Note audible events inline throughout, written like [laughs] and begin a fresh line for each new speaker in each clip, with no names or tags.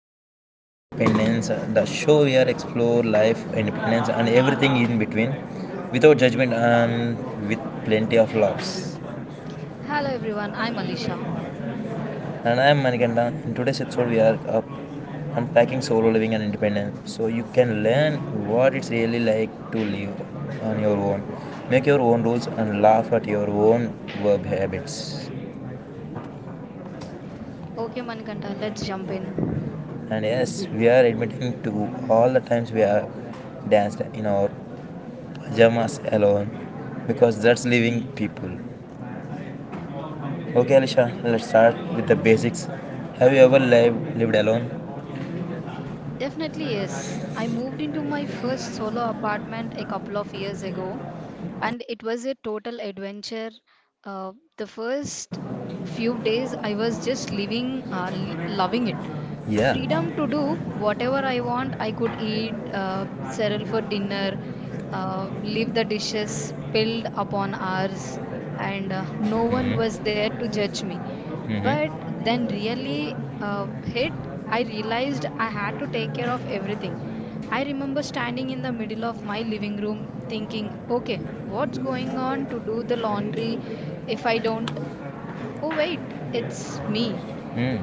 to Solo Living Independence, the show where explore life, independence, and everything in between, without judgment and with plenty of laughs.
Hello everyone, I'm Alisha.
And I am Manikanda. In today's episode, we are up unpacking solo living and independence, so you can learn what it's really like to live on your own, make your own rules, and laugh at your own verb habits.
Okay, Manikanta, let's jump in.
And yes, we are admitting to all the times we have danced in our pajamas alone because that's living people. Okay, Alisha, let's start with the basics. Have you ever lived alone?
Definitely, yes. I moved into my first solo apartment a couple of years ago, and it was a total adventure. The first few days, I was just living, loving it.
Yeah.
Freedom to do whatever I want. I could eat cereal for dinner, leave the dishes piled upon ours, and no one was
Mm-hmm.
there to judge me. But
Mm-hmm.
then, really hit, I realized I had to take care of everything. I remember standing in the middle of my living room thinking, okay, what's going on to do the laundry if I don't? Oh, wait, it's me.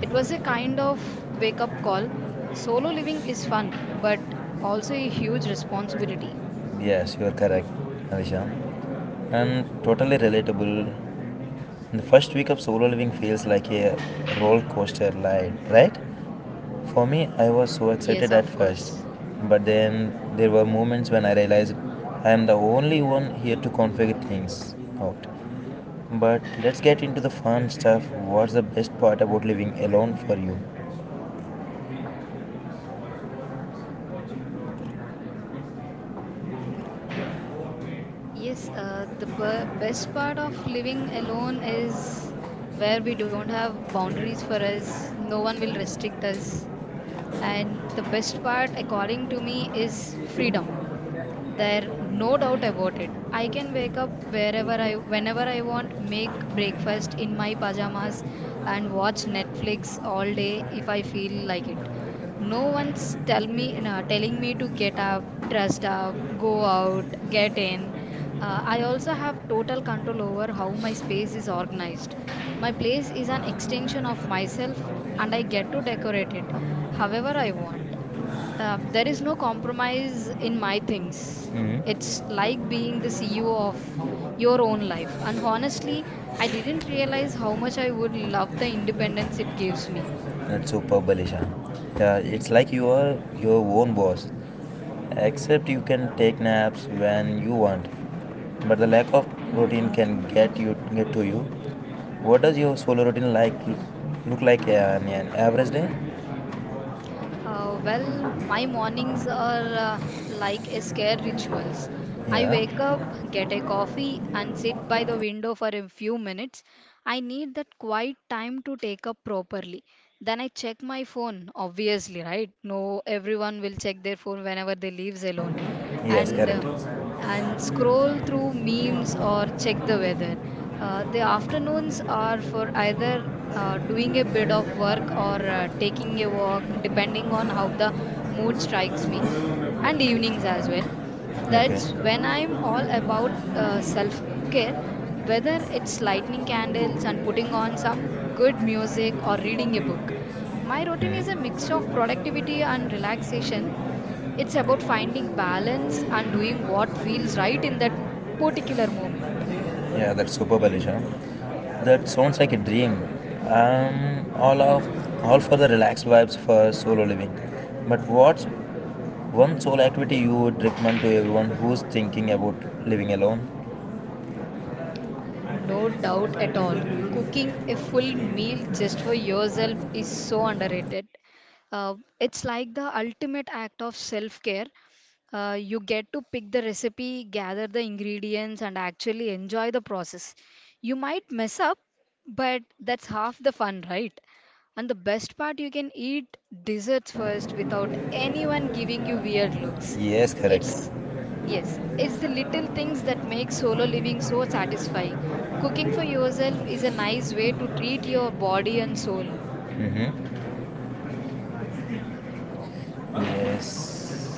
It was a kind of wake up call. Solo living is fun, but also a huge responsibility.
Yes, you are correct, Alisha. And totally relatable. The first week of solo living feels like a roller coaster ride, right? For me, I was so
Yes,
excited at
of
first,
course.
but then there were moments when I realized I am the only one here to configure things out. But let's get into the fun stuff. What's the best part about living alone for you?
The best part of living alone is where we don't have boundaries for us, no one will restrict us. And the best part, according to me, is freedom. There, no doubt about it. I can wake up wherever whenever I want, make breakfast in my pajamas, and watch Netflix all day if I feel like it. No one's tell me, no, telling me to get up, dressed up, go out, get in. I also have total control over how my space is organized. My place is an extension of myself, and I get to decorate it however I want. There is no compromise in my things.
Hmm
It's like being the CEO of your own life. And honestly, I didn't realize how much I would love the independence it gives me.
That's superb, Alisha. Yeah, it's like you are your own boss. Except you can take naps when you want. But the lack of routine can get to you. What does your solo routine like look like on an average day?
My mornings are like a scare rituals. I
Yeah.
wake up, get a coffee, and sit by the window for a few minutes. I need that quiet time to take up properly. Then I check my phone, obviously, right? No, everyone will check their phone whenever they leaves alone.
Yes,
And uh,
correct.
and scroll through memes or check the weather. The afternoons are for either doing a bit of work or taking a walk, depending on how the mood strikes me, and evenings as well. That's
Okay.
when I'm all about self care, whether it's lighting candles and putting on some good music or reading a book. My routine is a
Hmm.
mix of productivity and relaxation, it's about finding balance and doing what feels right in that particular moment.
Yeah, that's superb, Alisha. That sounds like a dream. I'm all of all for the relaxed vibes for solo living. But what's one solo activity you would recommend to everyone who's thinking about living alone?
No doubt at all. Cooking a full meal just for yourself is so underrated. It's like the ultimate act of self care. You get to pick the recipe, gather the ingredients, and actually enjoy the process. You might mess up, but that's half the fun, right? And the best part, you can eat desserts first without anyone giving you weird looks.
Yes, correct.
It's Yes, it's the little things that make solo living so satisfying. Cooking for yourself is a nice way to treat your body and soul.
Mm-hmm. Yes,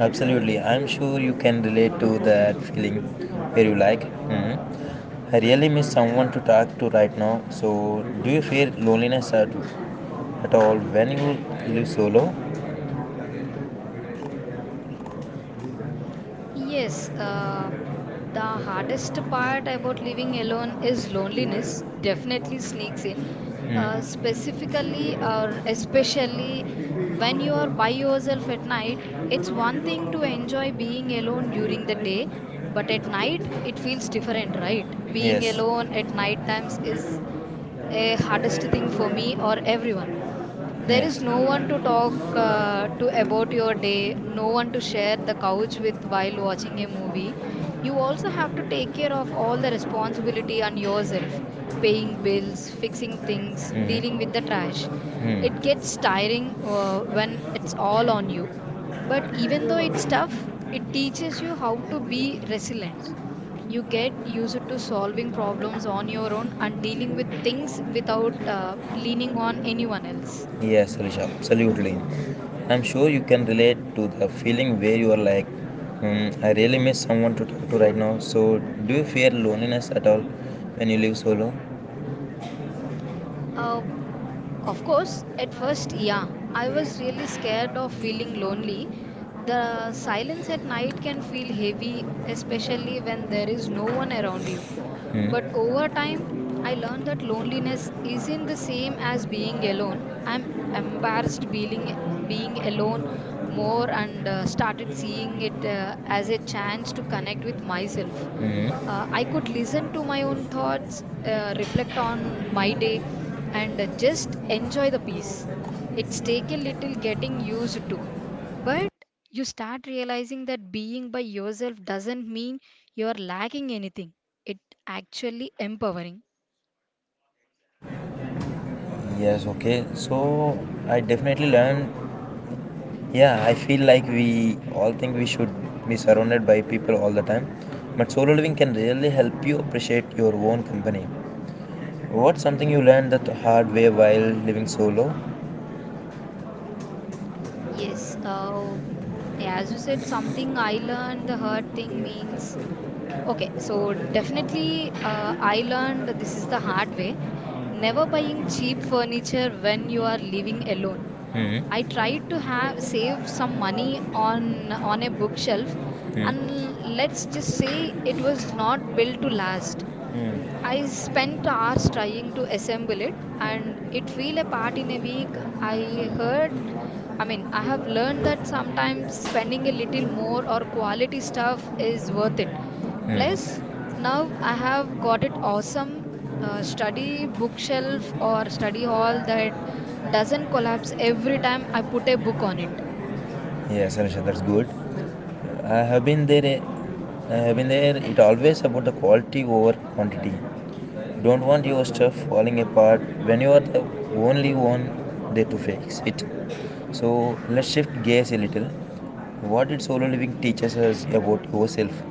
absolutely. I'm sure you can relate to that feeling where you like. Hmm I really miss someone to talk to right now. So, do you feel loneliness at all when you live solo?
Yes, uh, the hardest part about living alone is loneliness, definitely sneaks in.
Mm.
Specifically, or Especially when you are by yourself at night, it's one thing to enjoy being alone during the day, but at night it feels different, right? Being
Yes,
alone at night times is a hardest thing for me or everyone. There is no
yes.
one to talk to about your day, no one to share the couch with while watching a movie. You also have to take care of all the responsibility on yourself, paying bills, fixing things, dealing with the trash. It gets tiring when it's all on you. But even though it's tough, it teaches you how to be resilient. You get used to solving problems on your own and dealing with things without leaning on anyone else.
Yes, Rishabh, absolutely. I'm sure you can relate to the feeling where you are like, "Hmm, I really miss someone to talk to right now. So, do you fear loneliness at all when you live solo?"
Uh, Of course, at first, yeah, I was really scared of feeling lonely. The silence at night can feel heavy, especially when there is no one around you. But
Mm-hmm.
over time, I learned that loneliness isn't the same as being alone. I'm embarrassed being alone more and started seeing it as a chance to connect with myself. I could listen to my own thoughts, reflect on my day, and just enjoy the peace. It's take a little getting used to, but you start realizing that being by yourself doesn't mean you are lacking anything. It actually empowering.
Yes, okay. So, I definitely learned. Yeah, I feel like we all think we should be surrounded by people all the time, but solo living can really help you appreciate your own company. What's something you learned the hard way while living solo?
Yes, uh, as you said, something I learned the hard thing means okay, so definitely I learned this is the hard way, never buying cheap furniture when you are living alone. I
Mm-hmm.
tried to have save some money on a bookshelf and let's just say it was not built to last.
Mm.
I spent hours trying to assemble it and it fell apart in a week. I heard, I mean, I have learned that sometimes spending a little more or quality stuff is worth it.
Mm.
Plus, now I have got it awesome study bookshelf or study hall that doesn't collapse every time I put a book on it.
Yes, Anisha, that's good. I have been there. I have been there. It always about the quality over quantity. You don't want your stuff falling apart when you are the only one there to fix it. So let's shift gears a little. What did solo living teaches us about yourself?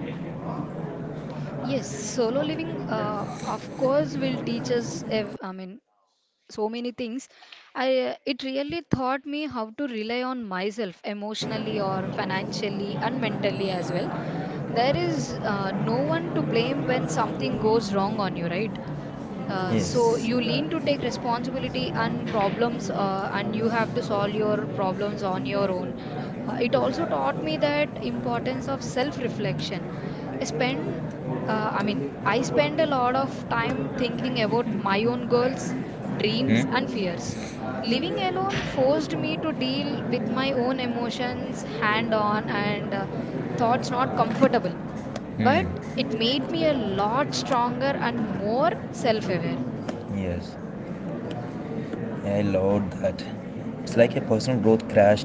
Yes, solo living, of course, will teach us, so many things. It really taught me how to rely on myself emotionally or financially and mentally as well. There is no one to blame when something goes wrong on you, right? So
Yes.
you lean to take responsibility and problems, and you have to solve your problems on your own. It also taught me that importance of self-reflection. I spend, I spend a lot of time thinking about my own goals, dreams, and
Hmm?
fears. Living alone forced me to deal with my own emotions hand on and thoughts not comfortable, but
Hmm.
it made me a lot stronger and more self aware.
Yes. Yeah, I loved that. It's like a personal growth crash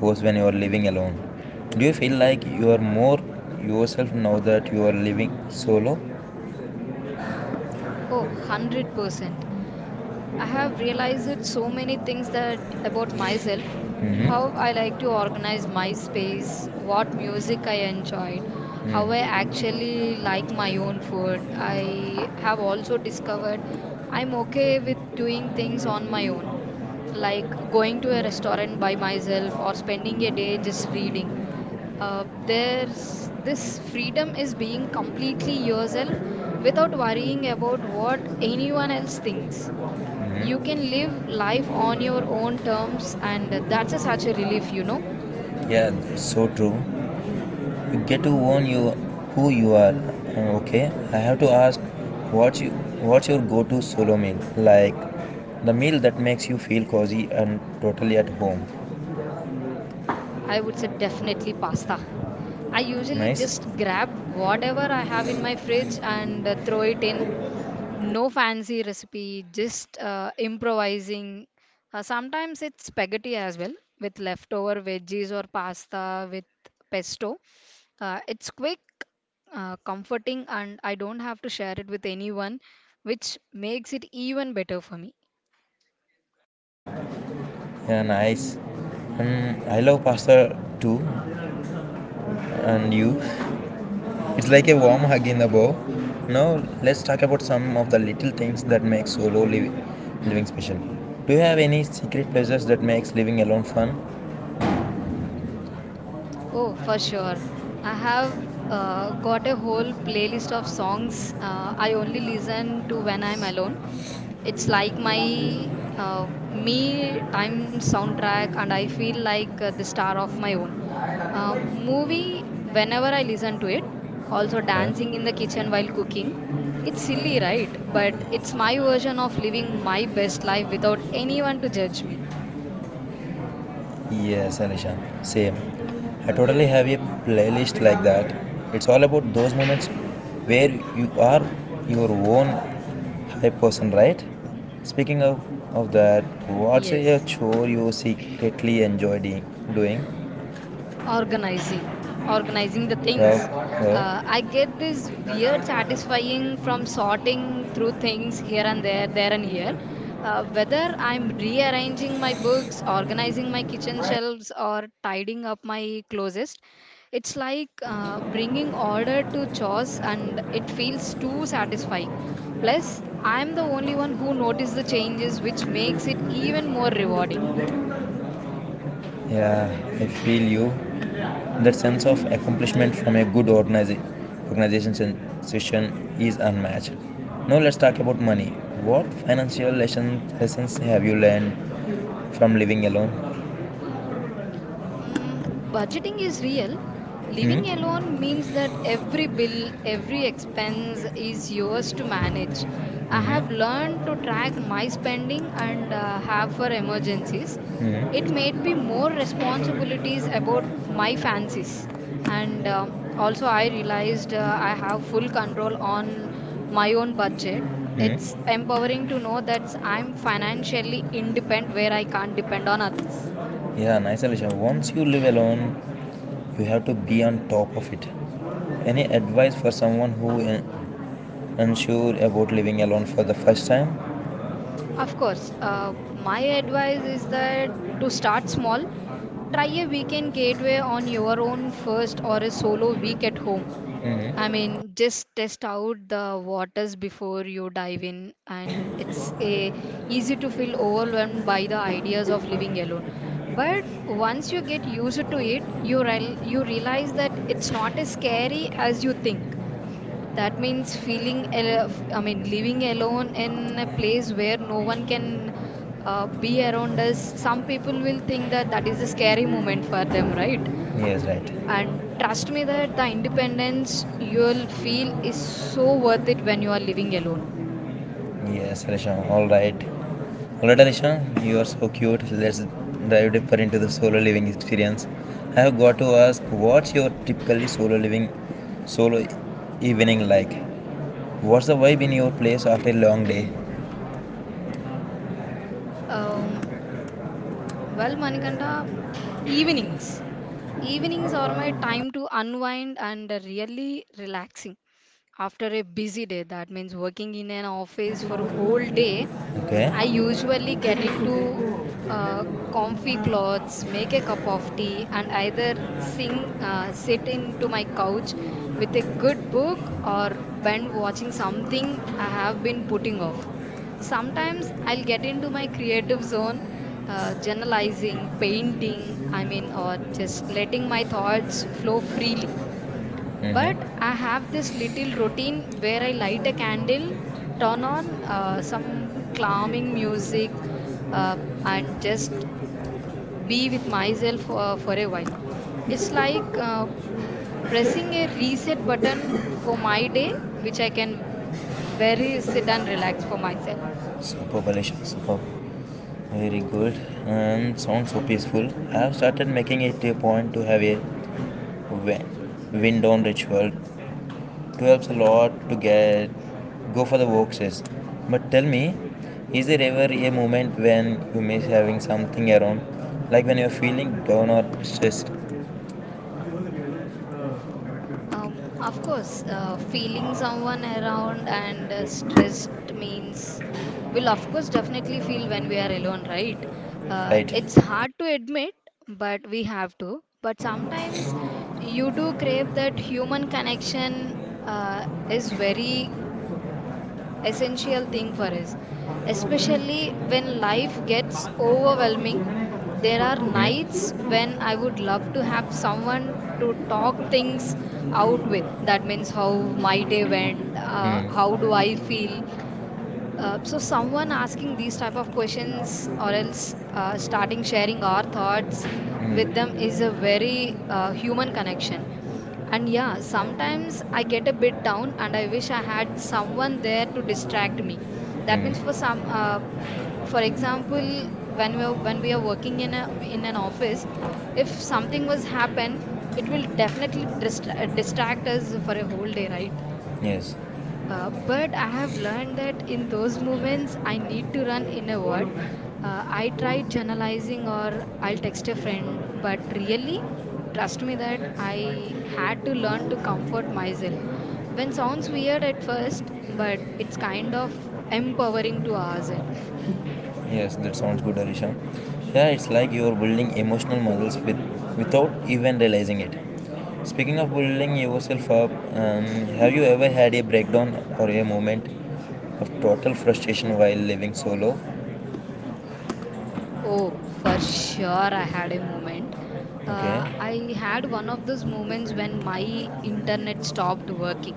course when you are living alone. Do you feel like you are more yourself now that you are living solo?
Oh, 100%. I have realized so many things that about myself, how
Mm-hmm.
I like to organize my space, what music I enjoyed, how I actually like my own food. I have also discovered I'm okay with doing things on my own, like going to a restaurant by myself or spending a day just reading. There's this freedom is being completely yourself without worrying about what anyone else thinks. You
Mm-hmm.
can live life on your own terms and that's a, such a relief, you know?
Yeah, that's so true. You get to own you who you are. Okay, I have to ask, what's you, what's your go-to solo meal? Like the meal that makes you feel cozy and totally at home.
I would say definitely pasta. I usually
Nice.
just grab whatever I have in my fridge and throw it in, no fancy recipe, just improvising. Sometimes it's spaghetti as well with leftover veggies or pasta with pesto. It's quick, comforting and I don't have to share it with anyone, which makes it even better for me.
Yeah, nice. And I love pasta too. And you? It's like a warm hug in the bow. Now let's talk about some of the little things that make living special. Do you have any secret pleasures that makes living alone fun?
Oh, for sure. I have got a whole playlist of songs I only listen to when I'm alone. It's like my me time soundtrack, and I feel like the star of my own. Movie, whenever I listen to it, also dancing in
Huh?
the kitchen while cooking. It's silly, right? But it's my version of living my best life without anyone to judge me.
Yes, Alishan. Same. I totally have a playlist like that. It's all about those moments where you are your own hype person, right? Speaking of, of that, what's a
Yes.
chore you secretly doing?
organizing organizing the
Well,
things.
well,
I get this weird satisfying from sorting through things here and there and here. Whether I'm rearranging my books, organizing my kitchen shelves or tidying up my closest, it's like bringing order to chores and it feels too satisfying. Plus I'm the only one who notices the changes, which makes it even more rewarding.
Yeah, I feel you. That sense of accomplishment from a good organization session is unmatched. Now let's talk about money. What lessons have you learned from living alone?
Mm, budgeting is real. Living
Hmm?
alone means that every bill, every expense is yours to manage. I have
Hmm?
learned to track my spending and have for emergencies. It
Hmm?
made me more responsibilities about my fancies. And also, I realized I have full control on my own budget. It's
Hmm?
empowering to know that I'm financially independent where I can't depend on others.
Yeah, nice solution. Once you live alone, you have to be on top of it. Any advice for someone who is unsure about living alone for the first time?
Of course, my advice is that to start small, try a weekend gateway on your own first or a solo week at home. I mean, just test out the waters before you dive in, and it's a easy to feel overwhelmed by the ideas of living alone. But once you get used to it, you realize that it's not as scary as you think. That means feeling, al- f- I mean, living alone in a place where no one can be around us. Some people will think that that is a scary moment for them, right?
Yes, right.
And trust me that the independence you'll feel is so worth it when you are living alone.
Yes, Rishan. All right. All right, Rishan. You are so cute. Let's dive deeper into the solo living experience. I have got to ask, what's your solo evening like? What's the vibe in your place after a long day?
Um, Manikanta, evenings. Evenings are my time to unwind and really relaxing. After a busy day, that means working in an office for a whole day,
Okay.
I usually get into uh, comfy clothes, make a cup of tea, and either sit into my couch with a good book or bend watching something I have been putting off. Sometimes I'll get into my creative zone, journalizing, painting, or just letting my thoughts flow freely. But I
Mm-hmm.
have this little routine where I light a candle, turn on some calming music, uh, and just be with myself for a while. It's like pressing a reset button for my day, which I can very sit and relax for myself.
Superb, Alisha. Superb. Very good. And sounds so peaceful. I have started making it a point to have a wi- wind down ritual. It helps a lot to get go for the walks. But tell me, is there ever a moment when you miss having something around, like when you're feeling down or stressed,
Of course, feeling someone around and stressed means will of course definitely feel when we are alone, right?
right?
It's hard to admit, but we have to. But sometimes you do crave that human connection is very essential thing for us especially when life gets overwhelming. There are
Hmm?
nights when I would love to have someone to talk things out with. That means how my day went, how
Hmm.
do I feel, so someone asking these type of questions or else starting sharing our thoughts with them
Hmm.
is a very human connection. And yeah, sometimes I get a bit down and I wish I had someone there to distract me. That means for
Hmm.
some for example, when we are working in an office, if something was happen, it will definitely distract us for a whole day, right?
Yes.
But I have learned that in those moments, I need to run inward. I tried journalizing or I'll text a friend, but really, trust me that I had to learn to comfort myself. When sounds weird at first, but it's kind of empowering to ourselves.
Yes, that sounds good, Arisha. Yeah, it's like you're building emotional muscles without even realizing it. Speaking of building yourself up, um, have you ever had a breakdown or a moment of total frustration while living solo?
Oh, for sure, I had a moment.
Okay.
I had one of those moments when my internet stopped working.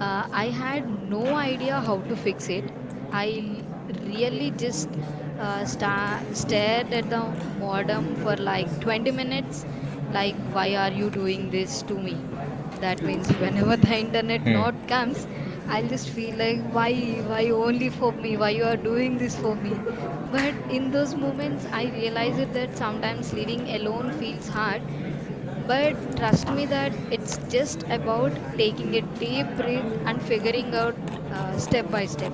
I had no idea how to fix it. Really just stared at the modem for like 20 minutes. Like, why are you doing this to me? That means whenever [laughs] the internet not
Hmm.
comes, I'll just feel like, why only for me? Why you are doing this for me? But in those moments, I realized that sometimes living alone feels hard but trust me that it's just about taking a deep breath and figuring out step by step.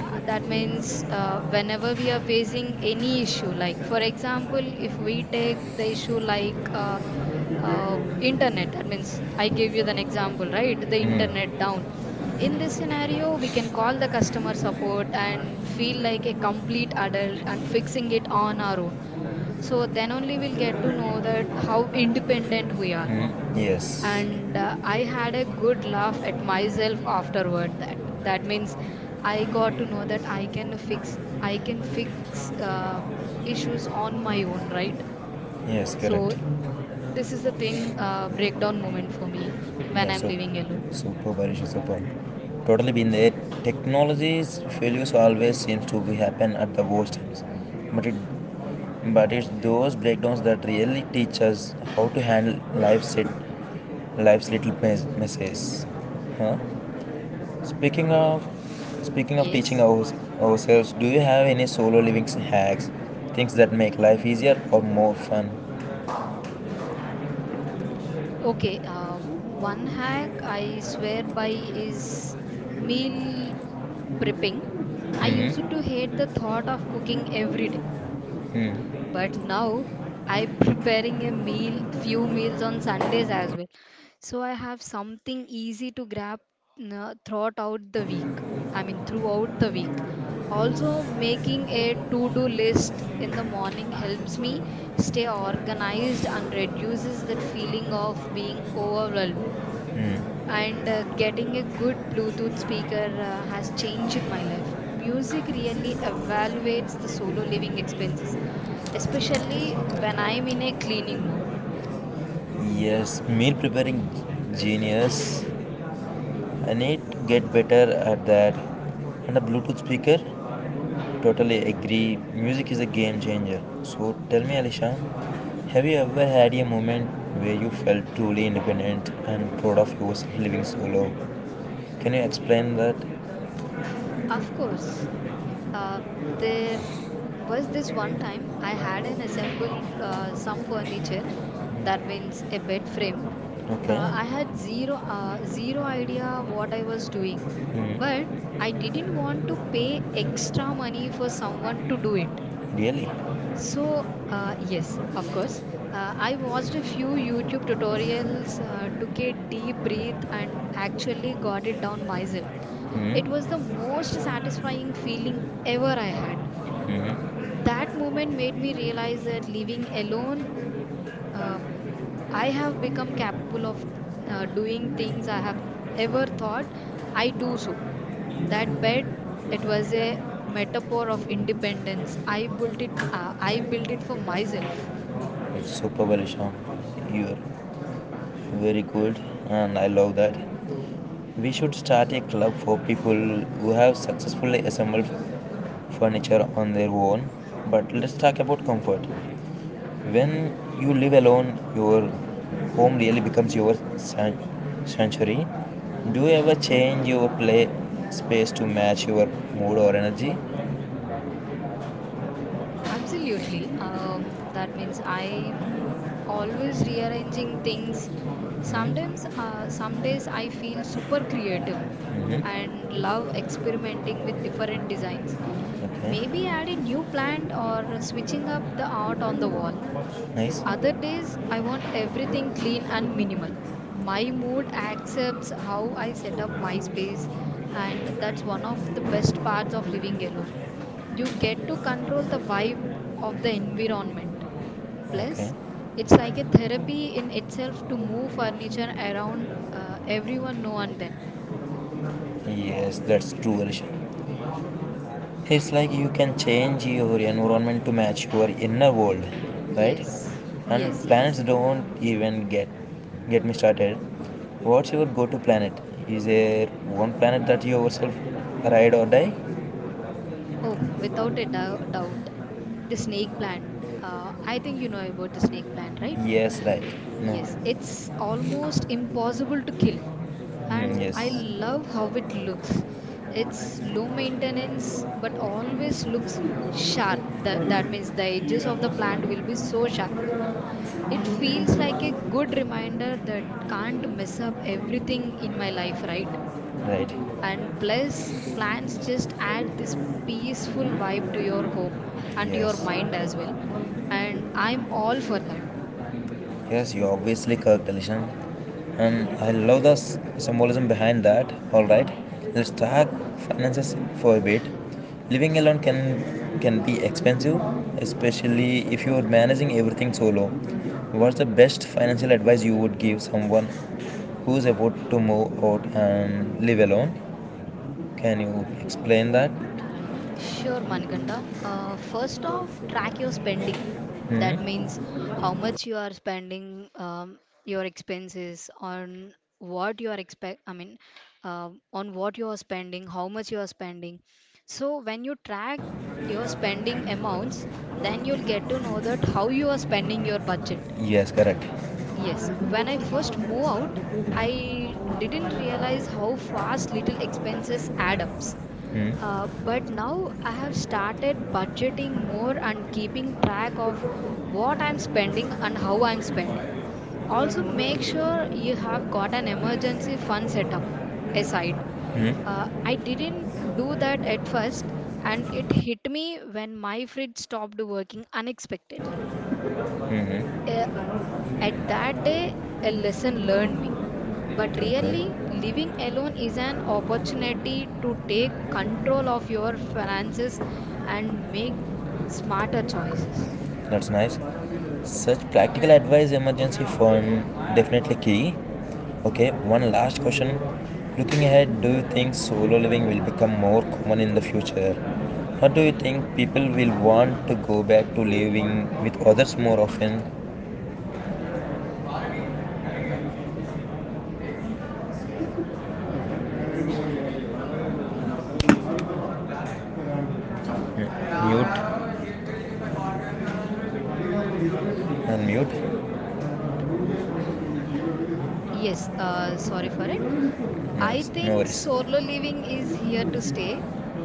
That means whenever we are facing any issue, like for example, if we take the issue like internet, that means I gave you an example, right? The internet down. In this scenario, we can call the customer support and feel like a complete adult and fixing it on our own so then only we'll get to know that how independent we are.
Yes.
And I had a good laugh at myself afterward. That that means I got to know that I can fix uh, issues on my own, right?
Yes, correct.
So this is the thing breakdown moment for me when
Yeah,
I'm
so
living alone.
super Barish super. Totally been there. Technology's failures always seems to be happen at the worst times. But it but it's those breakdowns that really teach us how to handle life's little messes. Huh? Speaking of speaking of
Yes.
ourselves, do you have any solo living hacks? Things that make life easier or more fun?
Okay. One hack I swear by is meal prepping. I used to hate the thought of cooking every day. But now I'm preparing a meal, few meals on Sundays as well. So I have something easy to grab throughout out the week. I mean, throughout the week. Also, making a to-do list in the morning helps me stay organized and reduces that feeling of being overwhelmed. And getting a good Bluetooth speaker has changed my life. Music really evaluates the solo living expenses especially when I'm in a cleaning mode.
Yes, meal preparing genius. I need to get better at that. And a Bluetooth speaker? Totally agree. Music is a game changer. So tell me, Alisha, have you ever had a moment where you felt truly independent and proud of yourself living solo? Can you explain that?
Of course, uh, there was this one time I had an assemble some furniture, that means a bed frame.
Okay,
I had zero idea what I was doing, but I didn't want to pay extra money for someone to do it.
really?
So, yes, of course. I watched a few YouTube tutorials, took a deep breath, and actually got it down myself. It was
Hmm
the most satisfying feeling ever I had.
hmm
That moment made me realize that living alone, uh, I have become capable of doing things I have ever thought I do so. That bed, it was a metaphor of independence. I built it for myself.
It's super Barisham. You're very good, and I love that. We should start a club for people who have successfully assembled furniture on their own. But let's talk about comfort. When you live alone, your home really becomes your sanctuary. Do you ever change your play space to match your mood or energy?
Absolutely. That means I'm always rearranging things. Sometimes, some days I feel super creative
Mm-hmm.
and love experimenting with different designs. Maybe
Okay.
adding new plant or switching up the art on the wall.
Nice.
Other days, I want everything clean and minimal. My mood accepts how I set up my space, and that's one of the best parts of living alone. You get to control the vibe of the environment
Okay.
plus it's like a therapy in itself to move furniture around everyone now and then.
Yes, that's true, Alisha. It's like you can change your environment to match your inner world, right?
Yes, yes,
And planets
yes.
don't even get me started. What's your go-to planet? Is there one planet that you yourself ride or die?
Oh, without a doubt, the snake plant. I think you know about the snake plant, right?
Yes, right. No.
Yes, it's almost impossible to kill,
Hmm,
and I
yes,
love how it looks. It's low maintenance but always looks sharp. That, that means the edges of the plant will be so sharp. It feels like a good reminder that can't mess up everything in my life, right?
right.
And plus, plants just add this peaceful vibe to your home and to your
Yes.
mind as well. And I'm all for that.
Yes, you obviously correct, Alishan. And I love the symbolism behind that. All right, let's talk finances for a bit. Living alone can be expensive, especially if you are managing everything solo. What's the best financial advice you would give someone who's about to move out and live alone? Can you explain that?
Sure, Manikanda. First off, track your spending. That means how much you are spending, your expenses on what you are expect. I mean, on what you are spending, how much you are spending. So when you track your spending amounts, then you'll get to know that how you are spending your budget.
Yes, correct.
Yes, when I first moved out, I didn't realize how fast little expenses add up. But now I have started budgeting more and keeping track of what I'm spending and how I'm spending. Also, make sure you have got an emergency fund set up aside. I didn't do that at first, and it hit me when my fridge stopped working unexpectedly. Uh, at that day, a lesson learned me. But really,
Okay.
living alone is an opportunity to take control of your finances and make smarter choices.
That's nice. Such practical advice, emergency form, definitely key. Okay, one last question. Looking ahead, do you think solo living will become more common in the future? Or do you think people will want to go back to living with others more often? Mute? Unmute?
Yes, sorry for it. I
Nice, no
think
worries.
solo living is here to stay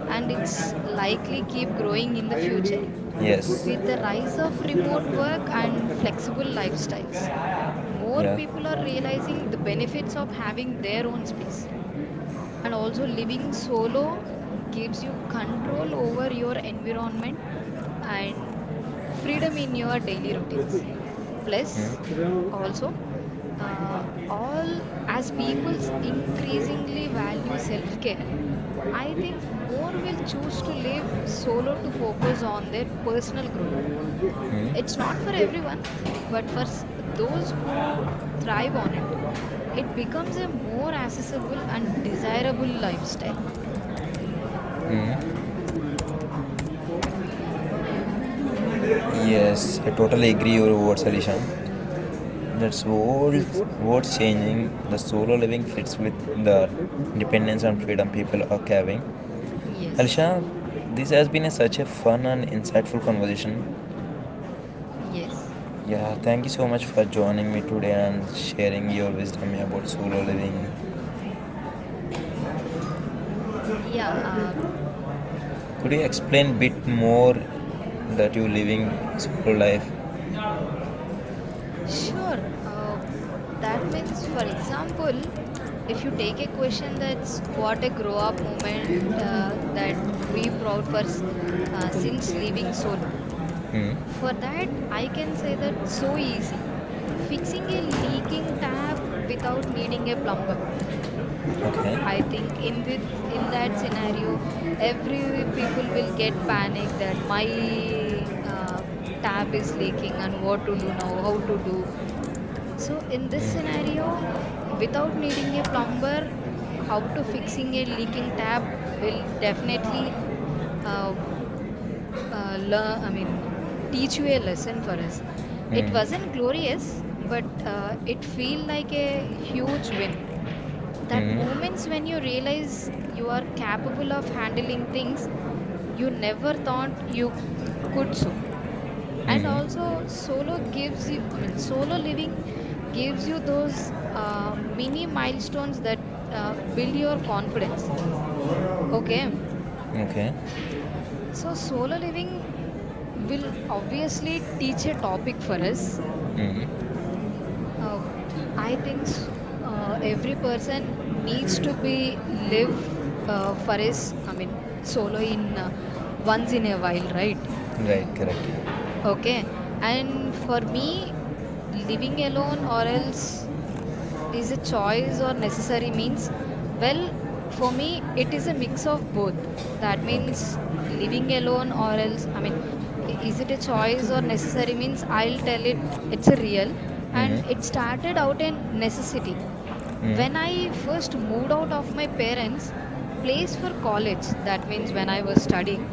and it's likely keep growing in the future.
Yes,
With the rise of remote work and flexible lifestyles, more
yeah.
people are realizing the benefits of having their own space. And also, living solo gives you control over your environment and freedom in your daily routines. Plus,
Hmm.
also, uh, all as people's increasingly value self care, I think more will choose to live solo to focus on their personal growth. It's
Hmm.
not for everyone, but for those who thrive on it, it becomes a more accessible and desirable lifestyle.
Yes, I totally agree your words, Harishan. What's changing. The solo living fits with the independence and freedom people are having.
Yes,
Harsha, this has been a, such a fun and insightful conversation.
yes,
Yeah, thank you so much for joining me today and sharing your wisdom about solo living.
yeah,
Could you explain a bit more that you living solo life?
sure. That means, for example, if you take a question that's what a grow up moment that we proud for since leaving solo.
Hmm.
For that, I can say that so easy. Fixing a leaking tap without needing a plumber. I
Okay.
think in that scenario, every people will get panic that my tap is leaking and what to do now, how to do. So in this scenario, without needing a plumber, how to fixing a leaking tap will definitely uh, learn. I mean, teach you a lesson for us. It wasn't glorious, but it feel like a huge win that moments when you realize you are capable of handling things you never thought you could so. And
Hmm.
also solo gives you, I mean, solo living gives you those mini milestones that build your confidence. Okay,
Okay.
so solo living will obviously teach a topic for us.
Hmm.
Uh, I think every person needs to be live for his, I mean, solo in once in a while, right?
Right. Correct.
Okay. And for me, living alone or else is a choice or necessary means, well, for me, it is a mix of both. That means
Okay.
living alone or else, I mean, is it a choice or necessary means, I'll tell it it's a real and it
Hmm.
started out a necessity when
Hmm.
I first moved out of my parents place for college. That means when I was studying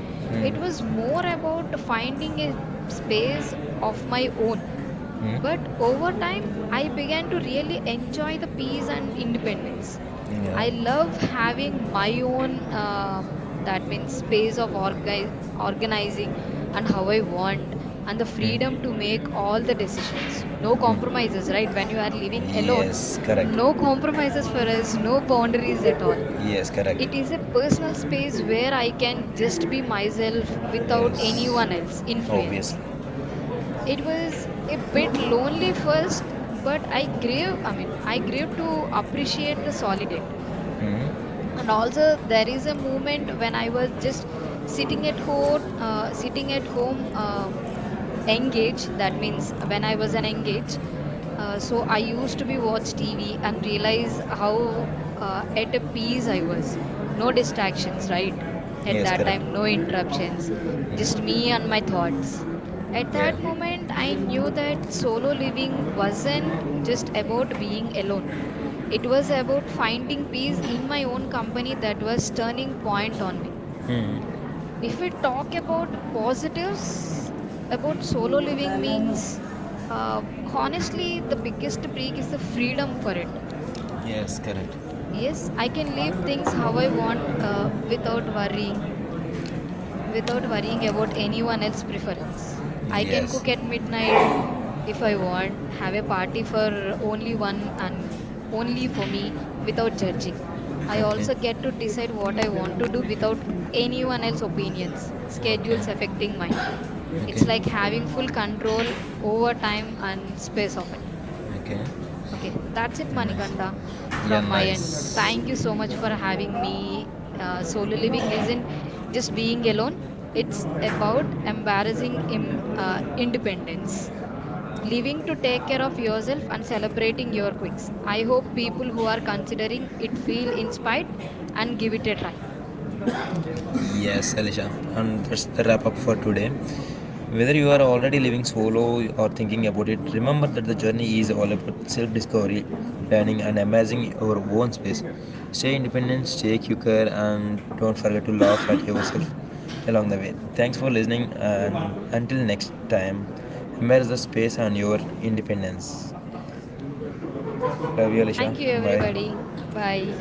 it was more about finding a space of my own but over time, I began to really enjoy the peace and independence. I
Yeah.
love having my own, that means space of organizing and how I want, and the freedom to make all the decisions. No compromises, right? When you are living alone,
Yes. Correct.
no compromises for us, no boundaries at all.
Yes, correct.
It is a personal space where I can just be myself without
Yes,
anyone else
obviously.
influence. It was a bit lonely first but I grew to appreciate the solid. And also there is a moment when I was just sitting at home engage. That means when I was an engage, so I used to be watch TV and realize how at a peace I was, no distractions, right? At
Yes,
that
correct.
time, no interruptions, just me and my thoughts. At
Yeah.
that moment I knew that solo living wasn't just about being alone, it was about finding peace in my own company. That was turning point on me. If we talk about positives about solo living means, uh, honestly the biggest peak is the freedom for it.
Yes, correct.
Yes, I can live things how I want without worrying about anyone else preference. I can
Yes.
cook at midnight if I want, have a party for only one and only for me without judging. I
Okay.
also get to decide what I want to do without anyone else opinions,
Okay.
schedules affecting mine. It's
Okay.
like having full control over time and space of it.
Okay.
Okay, that's it,
Nice.
Manikanda,
Yeah,
from my end. Thank you
nice.
so much for having me. Solo living isn't just being alone, it's about embarrassing independence. Living to take care of yourself and celebrating your quirks. I hope people who are considering it feel inspired and give it a try.
Yes, Alisha, and that's the wrap up for today. Whether you are already living solo or thinking about it, remember that the journey is all about self discovery, learning, and amassing your own space. Stay independent, stay quicker, and don't forget to laugh at yourself [laughs] along the way. Thanks for listening, and until next time, embrace the space and your independence. Love you, Alisha.
Thank you,
Bye.
everybody. Bye.